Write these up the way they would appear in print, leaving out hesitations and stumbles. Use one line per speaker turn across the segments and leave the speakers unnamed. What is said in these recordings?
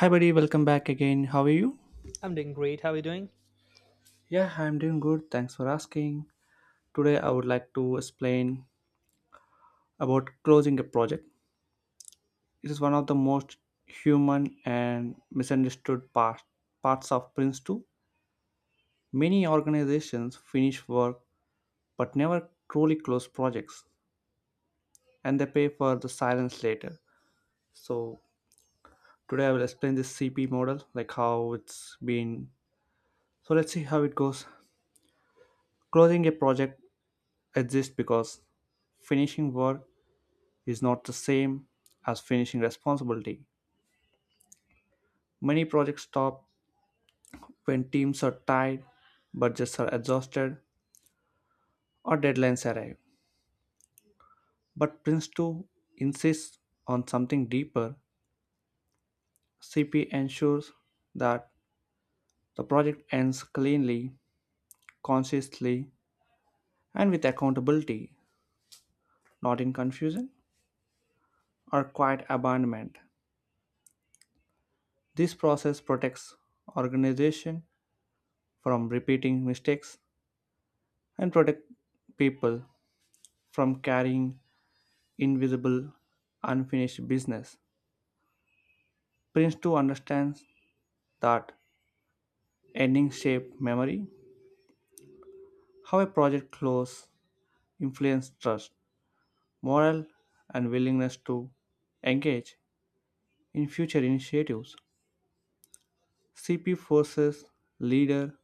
Hi, buddy, welcome back again. How are you?
I'm doing great. How are you doing?
Yeah, I'm doing good. Thanks for asking. Today, I would like to explain about closing a project. It is one of the most human and misunderstood parts of Prince 2. Many organizations finish work but never truly close projects and they pay for the silence later. So, today I will explain this CP model, like how it's been. So, let's see how it goes. Closing a project exists because finishing work is not the same as finishing responsibility. Many projects stop when teams are tired, budgets are exhausted, or deadlines arrive. But Prince 2 insists on something deeper. CP ensures that the project ends cleanly, consciously, and with accountability, not in confusion or quiet abandonment. This process protects organization from repeating mistakes and protect people from carrying invisible, unfinished business. Prince 2 understands that endings shape memory, how a project closes, influence trust, morale, and willingness to engage in future initiatives. CP forces leader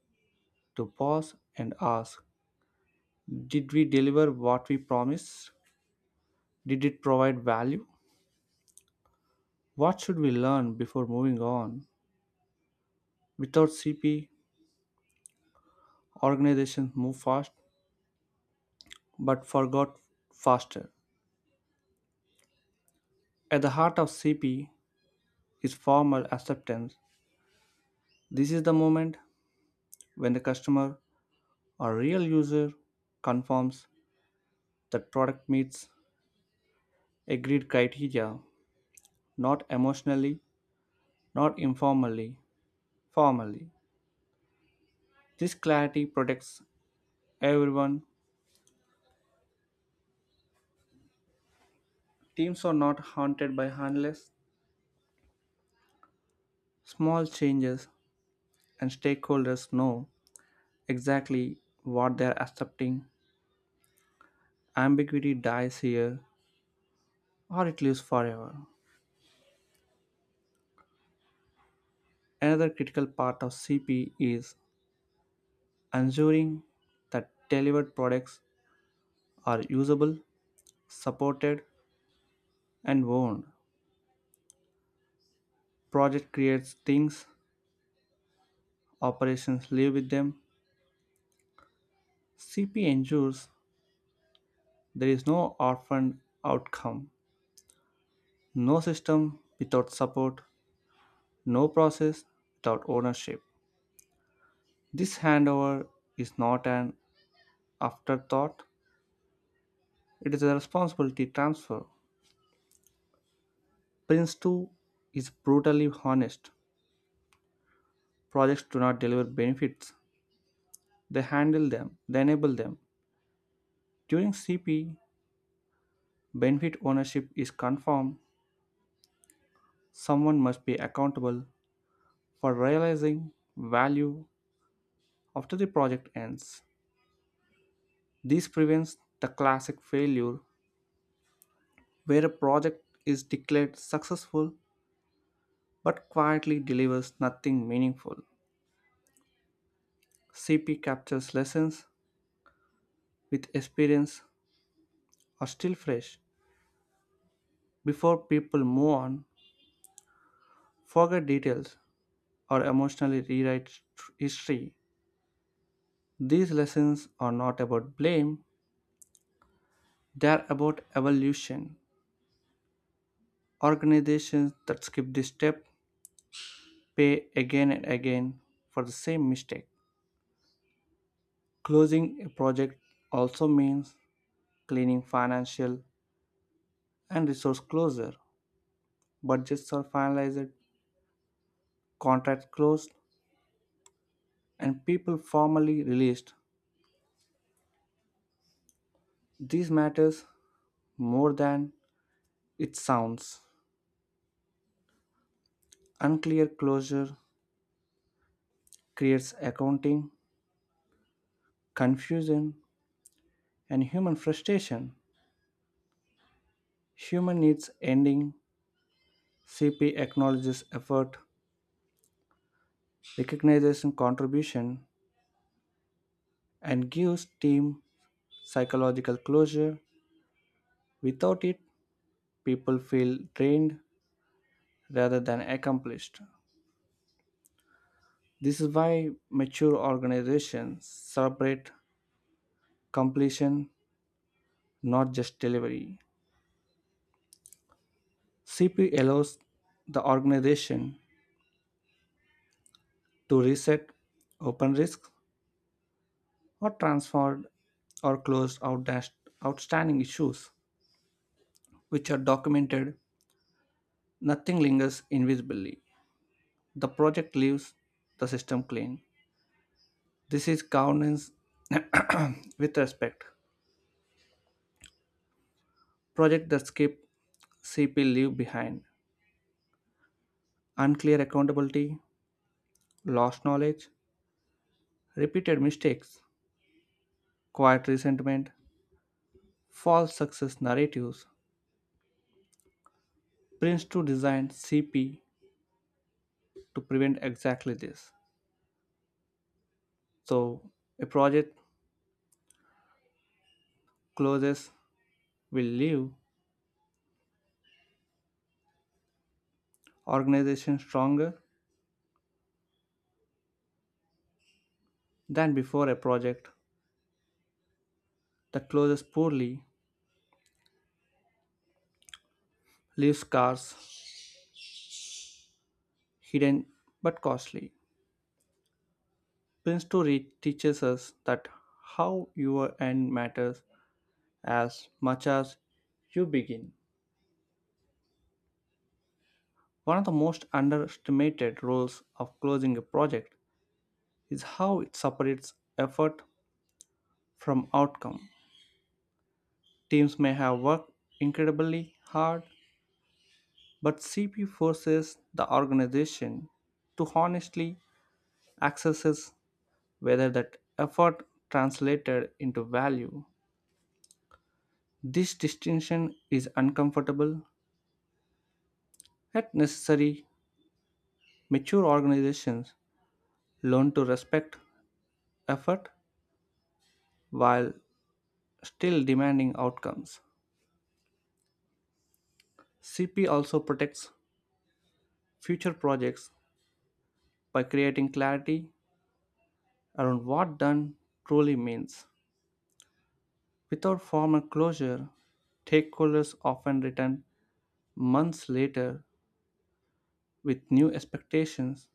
to pause and ask: did we deliver what we promised? Did it provide value? What should we learn before moving on? Without CP, organizations move fast but forgot faster. At the heart of CP is formal acceptance. This is the moment when the customer or real user confirms that product meets agreed criteria, not emotionally, not informally, formally. This clarity protects everyone. Teams are not haunted by harmless small changes and stakeholders know exactly what they're accepting. Ambiguity dies here or it lives forever. Another critical part of CP is ensuring that delivered products are usable, supported, and owned. Project creates things, operations live with them. CP ensures there is no orphaned outcome, no system without support, no process without ownership. This handover is not an afterthought, it is a responsibility transfer. Prince 2 is brutally honest: projects do not deliver benefits, they handle them, they enable them. During CP, benefit ownership is confirmed. Someone must be accountable for realizing value after the project ends. This prevents the classic failure where a project is declared successful but quietly delivers nothing meaningful. CP captures lessons with experience are still fresh before people move on, forget details, or emotionally rewrite history. These lessons are not about blame, they are about evolution. Organizations that skip this step pay again and again for the same mistake. Closing a project also means cleaning financial and resource closure. Budgets are finalized, contracts closed, and people formally released. This matters more than it sounds. Unclear closure creates accounting confusion, and human frustration. Human needs ending. CP acknowledges effort, recognizes contribution, and gives team psychological closure. Without it, people feel drained rather than accomplished. This is why mature organizations celebrate completion, not just delivery. CP allows the organization to reset open risks or transferred or outstanding issues, which are documented. Nothing lingers invisibly. The project leaves the system clean. This is governance with respect. Project that skip CP leave behind unclear accountability, lost knowledge, repeated mistakes, quiet resentment, false success narratives. Prince 2 designed CP to prevent exactly this. So a project closes will leave organizations stronger than before. A project that closes poorly leaves scars hidden but costly. Prince to read teaches us that how your end matters as much as you begin. One of the most underestimated roles of closing a project is how it separates effort from outcome. Teams may have worked incredibly hard, but CP forces the organization to honestly assess whether that effort translated into value. This distinction is uncomfortable, yet necessary. Mature organizations learn to respect effort while still demanding outcomes. CP also protects future projects by creating clarity around what done truly means. Without formal closure, stakeholders often return months later with new expectations,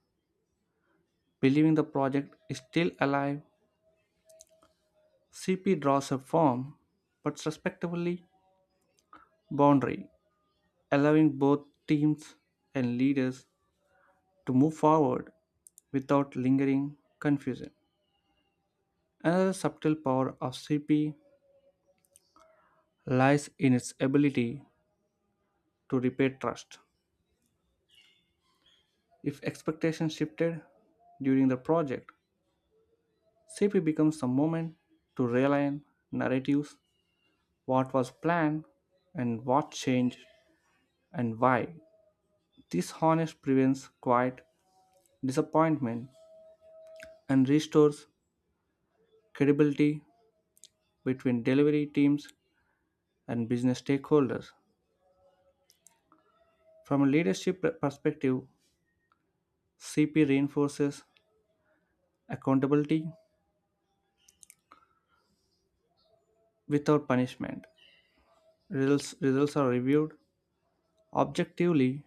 believing the project is still alive. CP draws a firm but respectfully boundary, allowing both teams and leaders to move forward without lingering confusion. Another subtle power of CP lies in its ability to repair trust. If expectations shifted during the project, CP becomes a moment to realign narratives: what was planned and what changed and why. This honest prevents quiet disappointment and restores credibility between delivery teams and business stakeholders. From a leadership perspective, CP reinforces accountability without punishment. Results are reviewed objectively,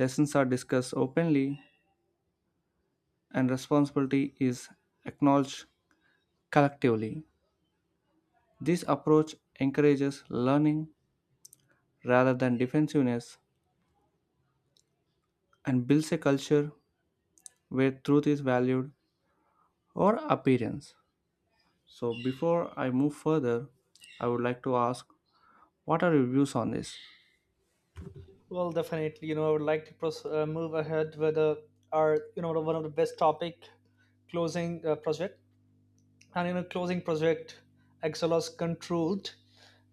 lessons are discussed openly, and responsibility is acknowledged collectively. This approach encourages learning rather than defensiveness and builds a culture where truth is valued or appearance. So, before I move further, I would like to ask, what are your views on this?
Well, definitely. I would like to move ahead with one of the best topic, closing project. Closing project, Excelos controlled,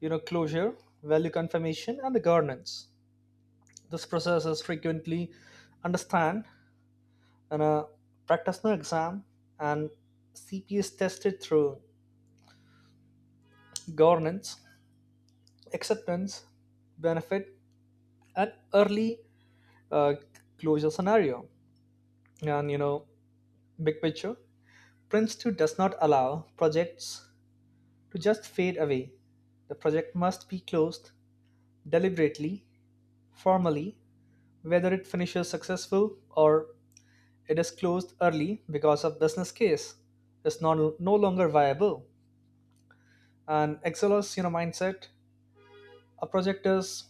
you know, closure, value confirmation, and the governance. This process is frequently understand in a practitioner exam, and CP is tested through governance, acceptance, benefit, and early uh, closure scenario. And you know, Big picture, Prince 2 does not allow projects to just fade away. The project must be closed deliberately, formally, whether it finishes successful, or it is closed early because of business case is not, no longer viable. And Excelos, you know, mindset, a project is,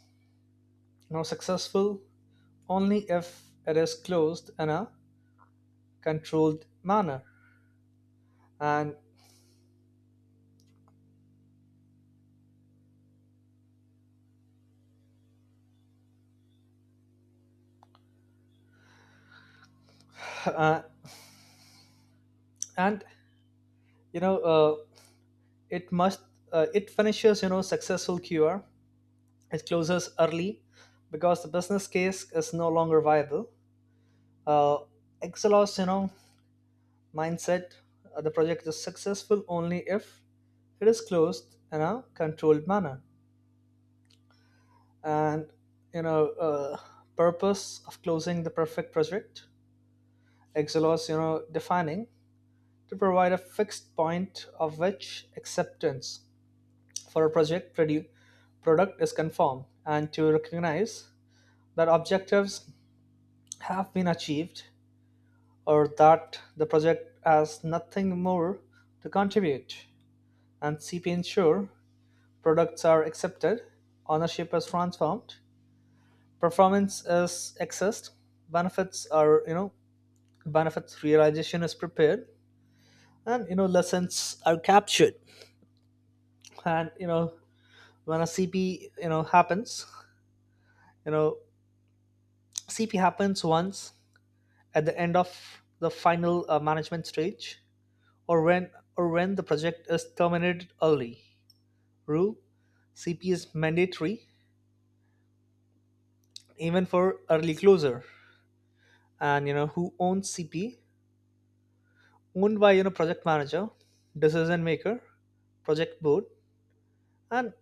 you know, successful only if it is closed in a controlled manner. And uh, and you know It must it finishes you know successful cure. It closes early because the business case is no longer viable. uh, Exelos, you know, mindset, the project is successful only if it is closed in a controlled manner. And you know Purpose of closing the perfect project, exelos, you know, defining, to provide a fixed point of which acceptance for a project product is confirmed, and to recognize that objectives have been achieved, or that the project has nothing more to contribute. And CP ensure products are accepted, ownership is transformed, performance is accessed, benefits are you know benefits realization is prepared, and, you know, lessons are captured. And you know when a cp you know happens you know CP happens once at the end of the final management stage, or when or when the project is terminated early. Rule: CP is mandatory even for early closure. And, you know, who owns CP? Owned by, you know, project manager, decision maker, project board. And,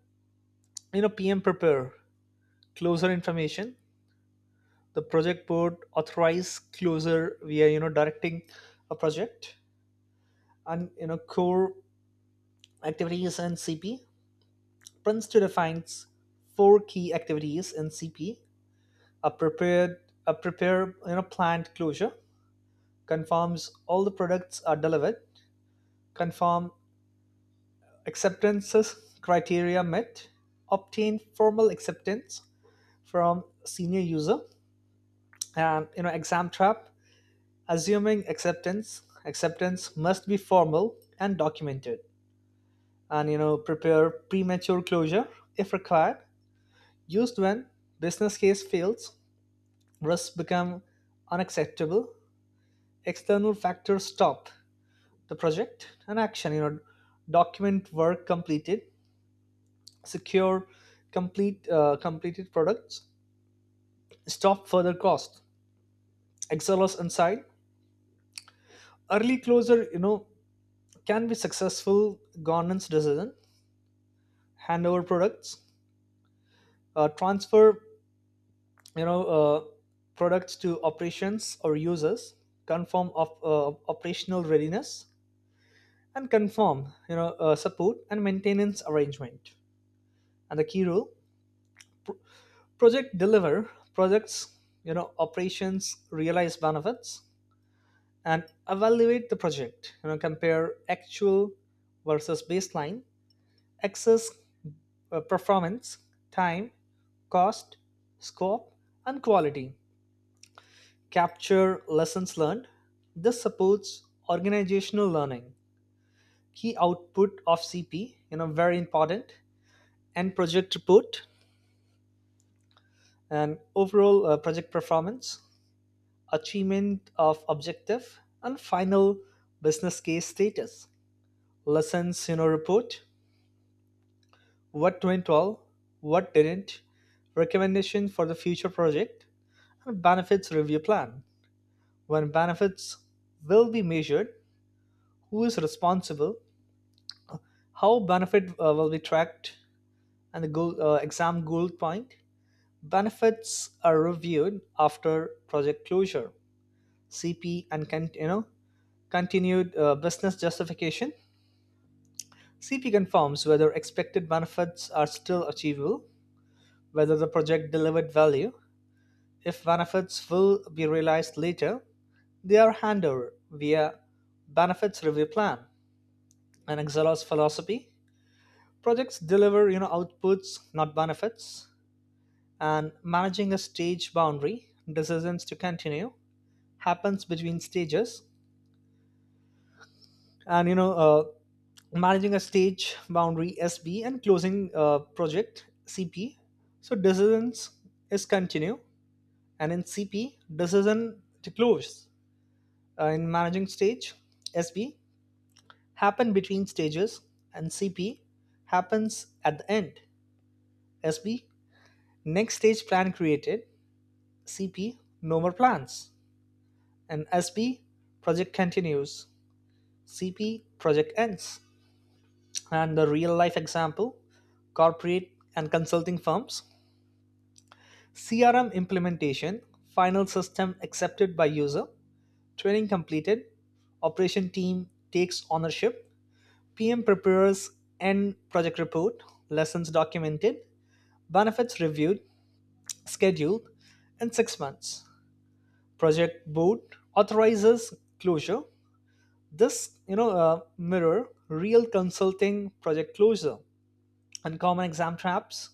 you know, PM prepare closure information. The project board authorize closure via, you know, directing a project. And, you know, core activities and CP. Prince II defines four key activities in CP: a prepared a prepare you know planned closure, confirms all the products are delivered, confirm acceptances criteria met, obtain formal acceptance from senior user. And, you know, exam trap: assuming acceptance must be formal and documented. And, you know, prepare premature closure if required, used when business case fails, risks become unacceptable, external factors stop the project. And action, you know, document work completed, secure completed products, stop further cost. XLOS inside: early closure, you know, can be successful governance decision, handover products, transfer, you know, uh, products to operations or users, confirm of operational readiness, and confirm, you know, support and maintenance arrangement. And the key rule: project deliver projects, you know, operations realize benefits. And evaluate the project, you know, compare actual versus baseline, access performance, time, cost, scope, and quality. Capture lessons learned. This supports organizational learning. Key output of CP, you know, very important, and project report, and overall project performance, achievement of objective, and final business case status. Lessons, you know, report: what went well, what didn't, recommendation for the future project, and benefits review plan. When benefits will be measured, who is responsible, how benefit will be tracked. And the goal, exam goal point: benefits are reviewed after project closure. CP and can you know Continued business justification. CP confirms whether expected benefits are still achievable, whether the project delivered value. If benefits will be realized later, they are handed over via benefits review plan. And Excelos philosophy: projects deliver, you know, outputs, not benefits. And managing a stage boundary, decisions to continue happens between stages. And you know Managing a stage boundary SB and closing project CP. So decisions is continue, and in CP decision to close. In managing stage SB happen between stages, and CP happens at the end. SB next stage plan created, CP no more plans. And SB project continues, CP project ends. And the real life example: corporate and consulting firms, CRM implementation, final system accepted by user, training completed, operation team takes ownership, PM prepares end project report, lessons documented, benefits reviewed, scheduled in 6 months. Project board authorizes closure. This, mirror real consulting project closure. Uncommon exam traps,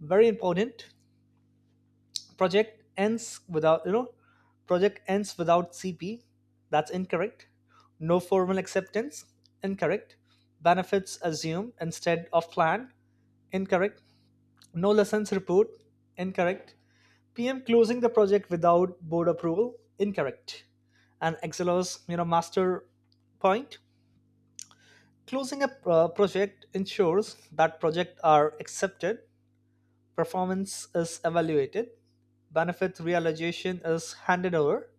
very important: project ends without you know project ends without CP, that's incorrect. No formal acceptance, incorrect. Benefits assumed instead of planned, incorrect. No lessons report, incorrect. PM closing the project without board approval, incorrect. And Excelos, you know, master point: closing a project ensures that projects are accepted, performance is evaluated, benefit realization is handed over,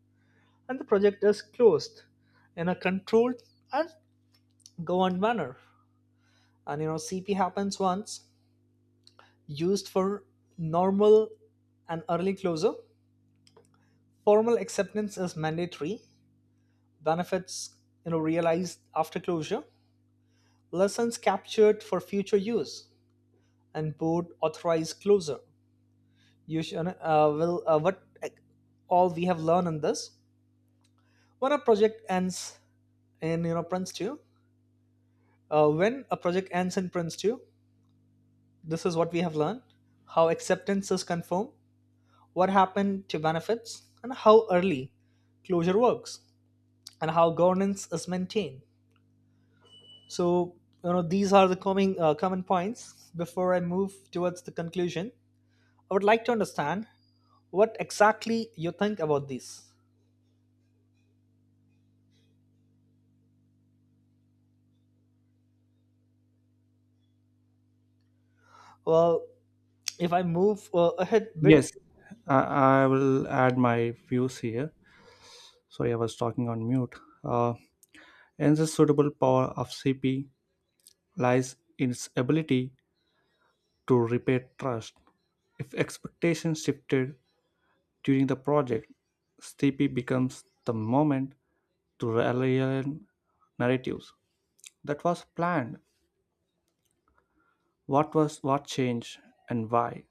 and the project is closed in a controlled and governed manner. And, you know, CP happens once, used for normal and early closure. Formal acceptance is mandatory, benefits, you know, realized after closure, lessons captured for future use, and board authorized closure. You should, will what All we have learned in this: when a project ends in you know prince 2 when a project ends in Prince 2, this is what we have learned: how acceptance is confirmed, what happened to benefits, and how early closure works, and how governance is maintained. So, you know, these are the coming common points. Before I move towards the conclusion, I would like to understand what exactly you think about these. Well, if I move ahead bit.
Yes, I will add my views here. Sorry, I was talking on mute. Uh, and the suitable power of CP lies in its ability to repair trust. If expectations shifted during the project, CP becomes the moment to relevant narratives that was planned, what was what changed and why.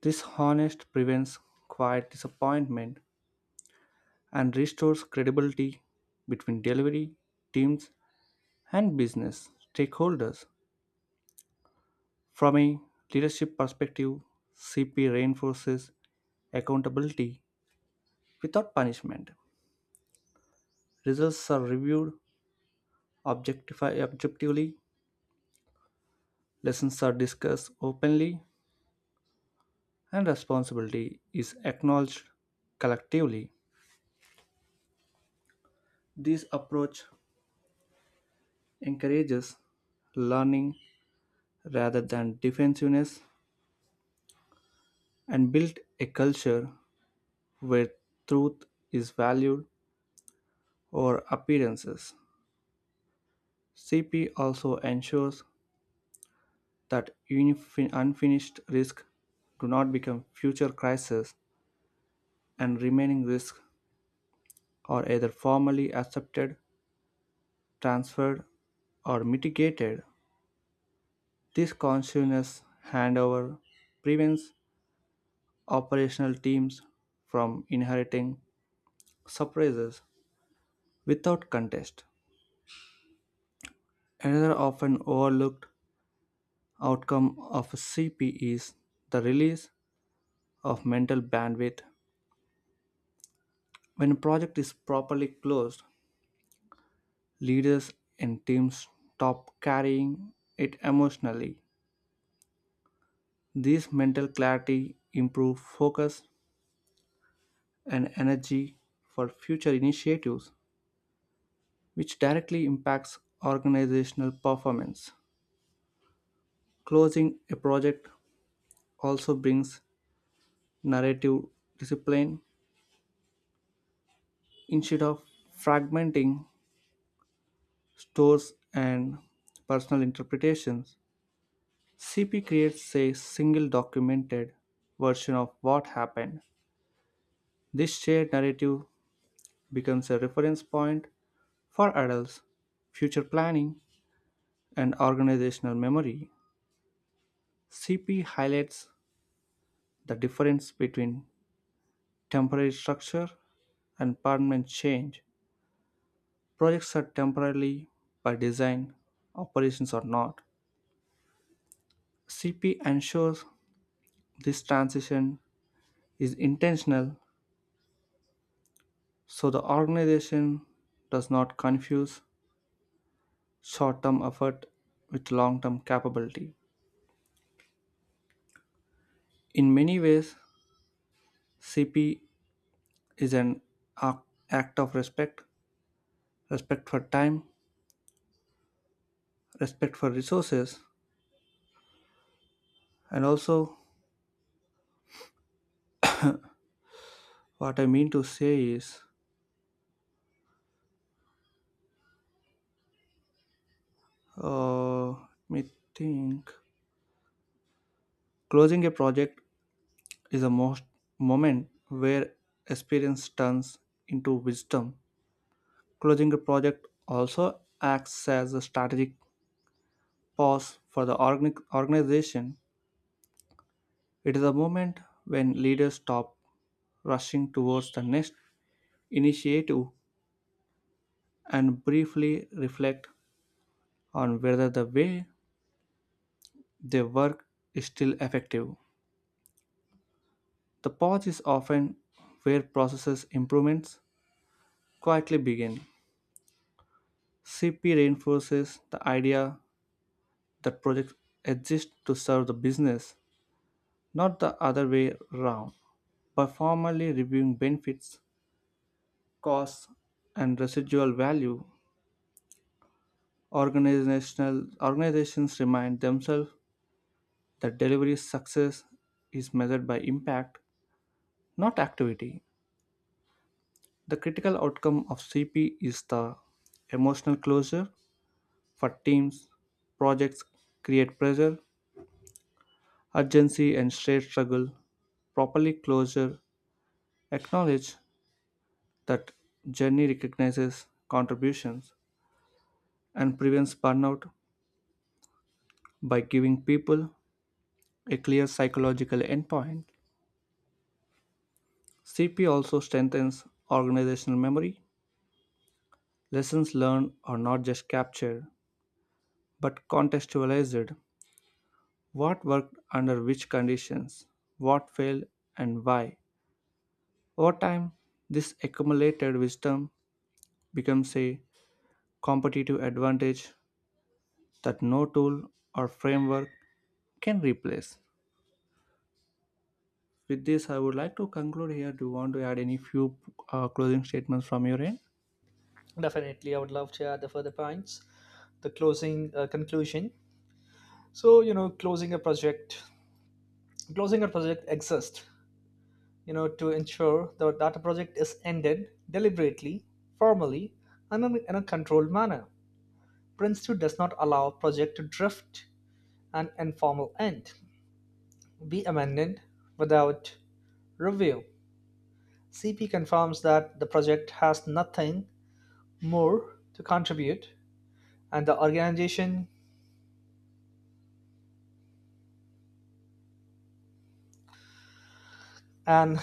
This honest prevents quiet disappointment and restores credibility between delivery teams and business stakeholders. From a leadership perspective, CP reinforces accountability without punishment. Results are reviewed objectively, lessons are discussed openly, and responsibility is acknowledged collectively. This approach encourages learning rather than defensiveness and builds a culture where truth is valued over appearances. CP also ensures that unfinished risks do not become future crises and remaining risks are either formally accepted, transferred, or mitigated. This conscious handover prevents operational teams from inheriting surprises without contest. Another often overlooked outcome of a CPE is the release of mental bandwidth. When a project is properly closed, leaders and teams stop carrying it emotionally. This mental clarity improves focus and energy for future initiatives, which directly impacts organizational performance. Closing a project also brings narrative discipline instead of fragmenting stores and personal interpretations. CP creates a single documented version of what happened. This shared narrative becomes a reference point for adults, future planning, and organizational memory. CP highlights the difference between temporary structure and permanent change. Projects are temporarily by design, operations are not. CP ensures this transition is intentional so the organization does not confuse short term effort with long term capability. In many ways, CP is an ac- act of respect: respect for time, respect for resources, and also what I mean to say is, let me think. Closing a project is a most moment where experience turns into wisdom. Closing a project also acts as a strategic pause for the organic organization. It is a moment when leaders stop rushing towards the next initiative and briefly reflect on whether the way they work is still effective. The pause is often where processes improvements quietly begin. CP reinforces the idea that projects exist to serve the business, not the other way around. By formally reviewing benefits, costs, and residual value, organizational organizations remind themselves that delivery success is measured by impact, not activity. The critical outcome of CP is the emotional closure for teams. Projects create pressure urgency and shared struggle. Properly closure acknowledge that journey recognizes contributions and prevents burnout by giving people a clear psychological endpoint. CP also strengthens organizational memory. Lessons learned are not just captured, but contextualized. What worked under which conditions, what failed, and why. Over time, this accumulated wisdom becomes a competitive advantage that no tool or framework can replace. With this, I would like to conclude here. Do you want to add any few closing statements from your end?
Definitely, I would love to add the further points. The closing conclusion. So, you know, closing a project exists, you know, to ensure that a project is ended deliberately, formally, and in a controlled manner. Prince 2 does not allow project to drift an informal end, be amended without review. CP confirms that the project has nothing more to contribute, and and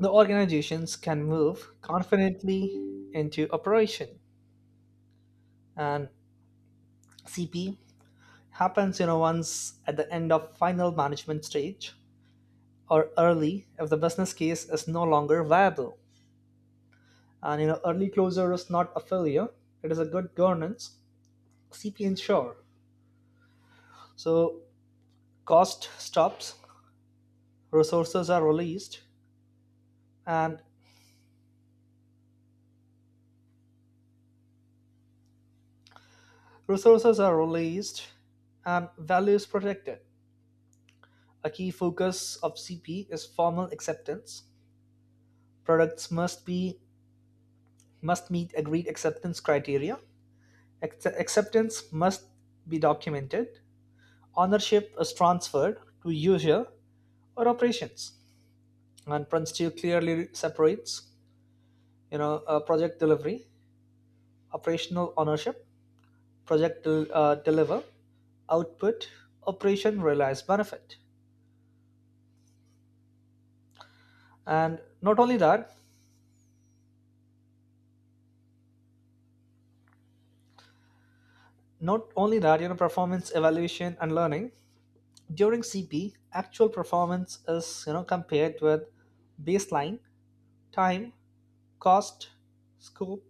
the organizations can move confidently into operation. And CP happens, you know, once at the end of final management stage, or early if the business case is no longer viable. And, you know, early closure is not a failure; it is a good governance. CP ensure so cost stops, resources are released, and resources are released value is protected. A key focus of CP is formal acceptance. Products must meet agreed acceptance criteria. Acceptance must be documented. Ownership is transferred to user or operations. And Prince 2 clearly separates, project delivery, operational ownership. Project deliver output, operation realized benefit. And not only that, not only that, you know, performance evaluation and learning. During CP, actual performance is, you know, compared with baseline, time, cost, scope,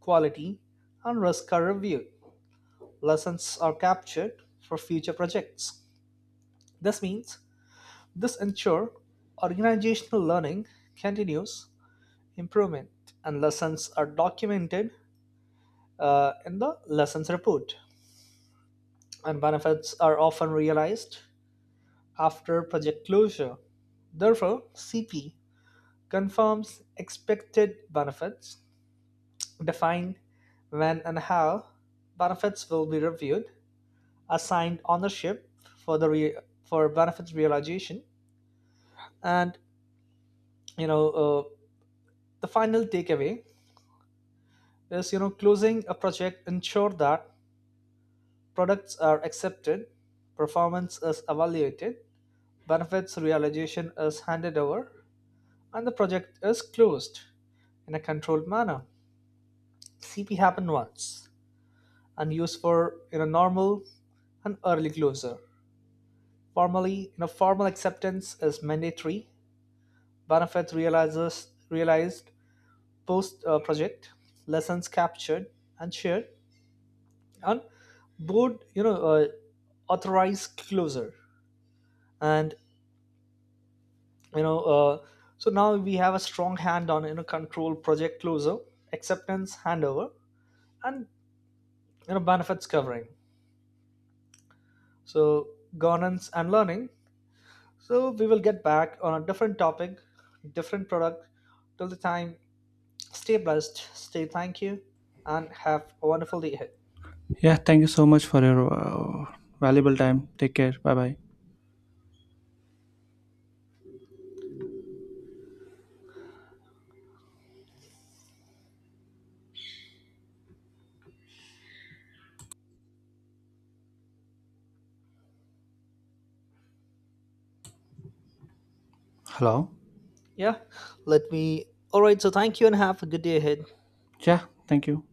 quality, and risk are reviewed. Lessons are captured for future projects. This means this ensure organizational learning continues improvement, and lessons are documented in the lessons report. And benefits are often realized after project closure. Therefore, CP confirms expected benefits, define when and how benefits will be reviewed, assigned ownership for the re- for benefits realization. And you know The final takeaway is, you know, closing a project ensure that products are accepted, performance is evaluated, benefits realization is handed over, and the project is closed in a controlled manner. CP happened once, and used for in a normal and early closure. Formally, in a formal acceptance is mandatory. Benefits realizes realized post project. Lessons captured and shared, and board, you know, authorized closure. And you know So now we have a strong hand on, you know, control project closure, acceptance handover, and, you know, benefits covering. So governance and learning. So we will get back on a different topic, different product. Till the time, stay blessed, stay thank you, and have a wonderful day ahead.
Yeah, thank you so much for your valuable time. Take care. Bye bye. Hello.
Yeah, let me. All right, so thank you and have a good day ahead.
Yeah, thank you.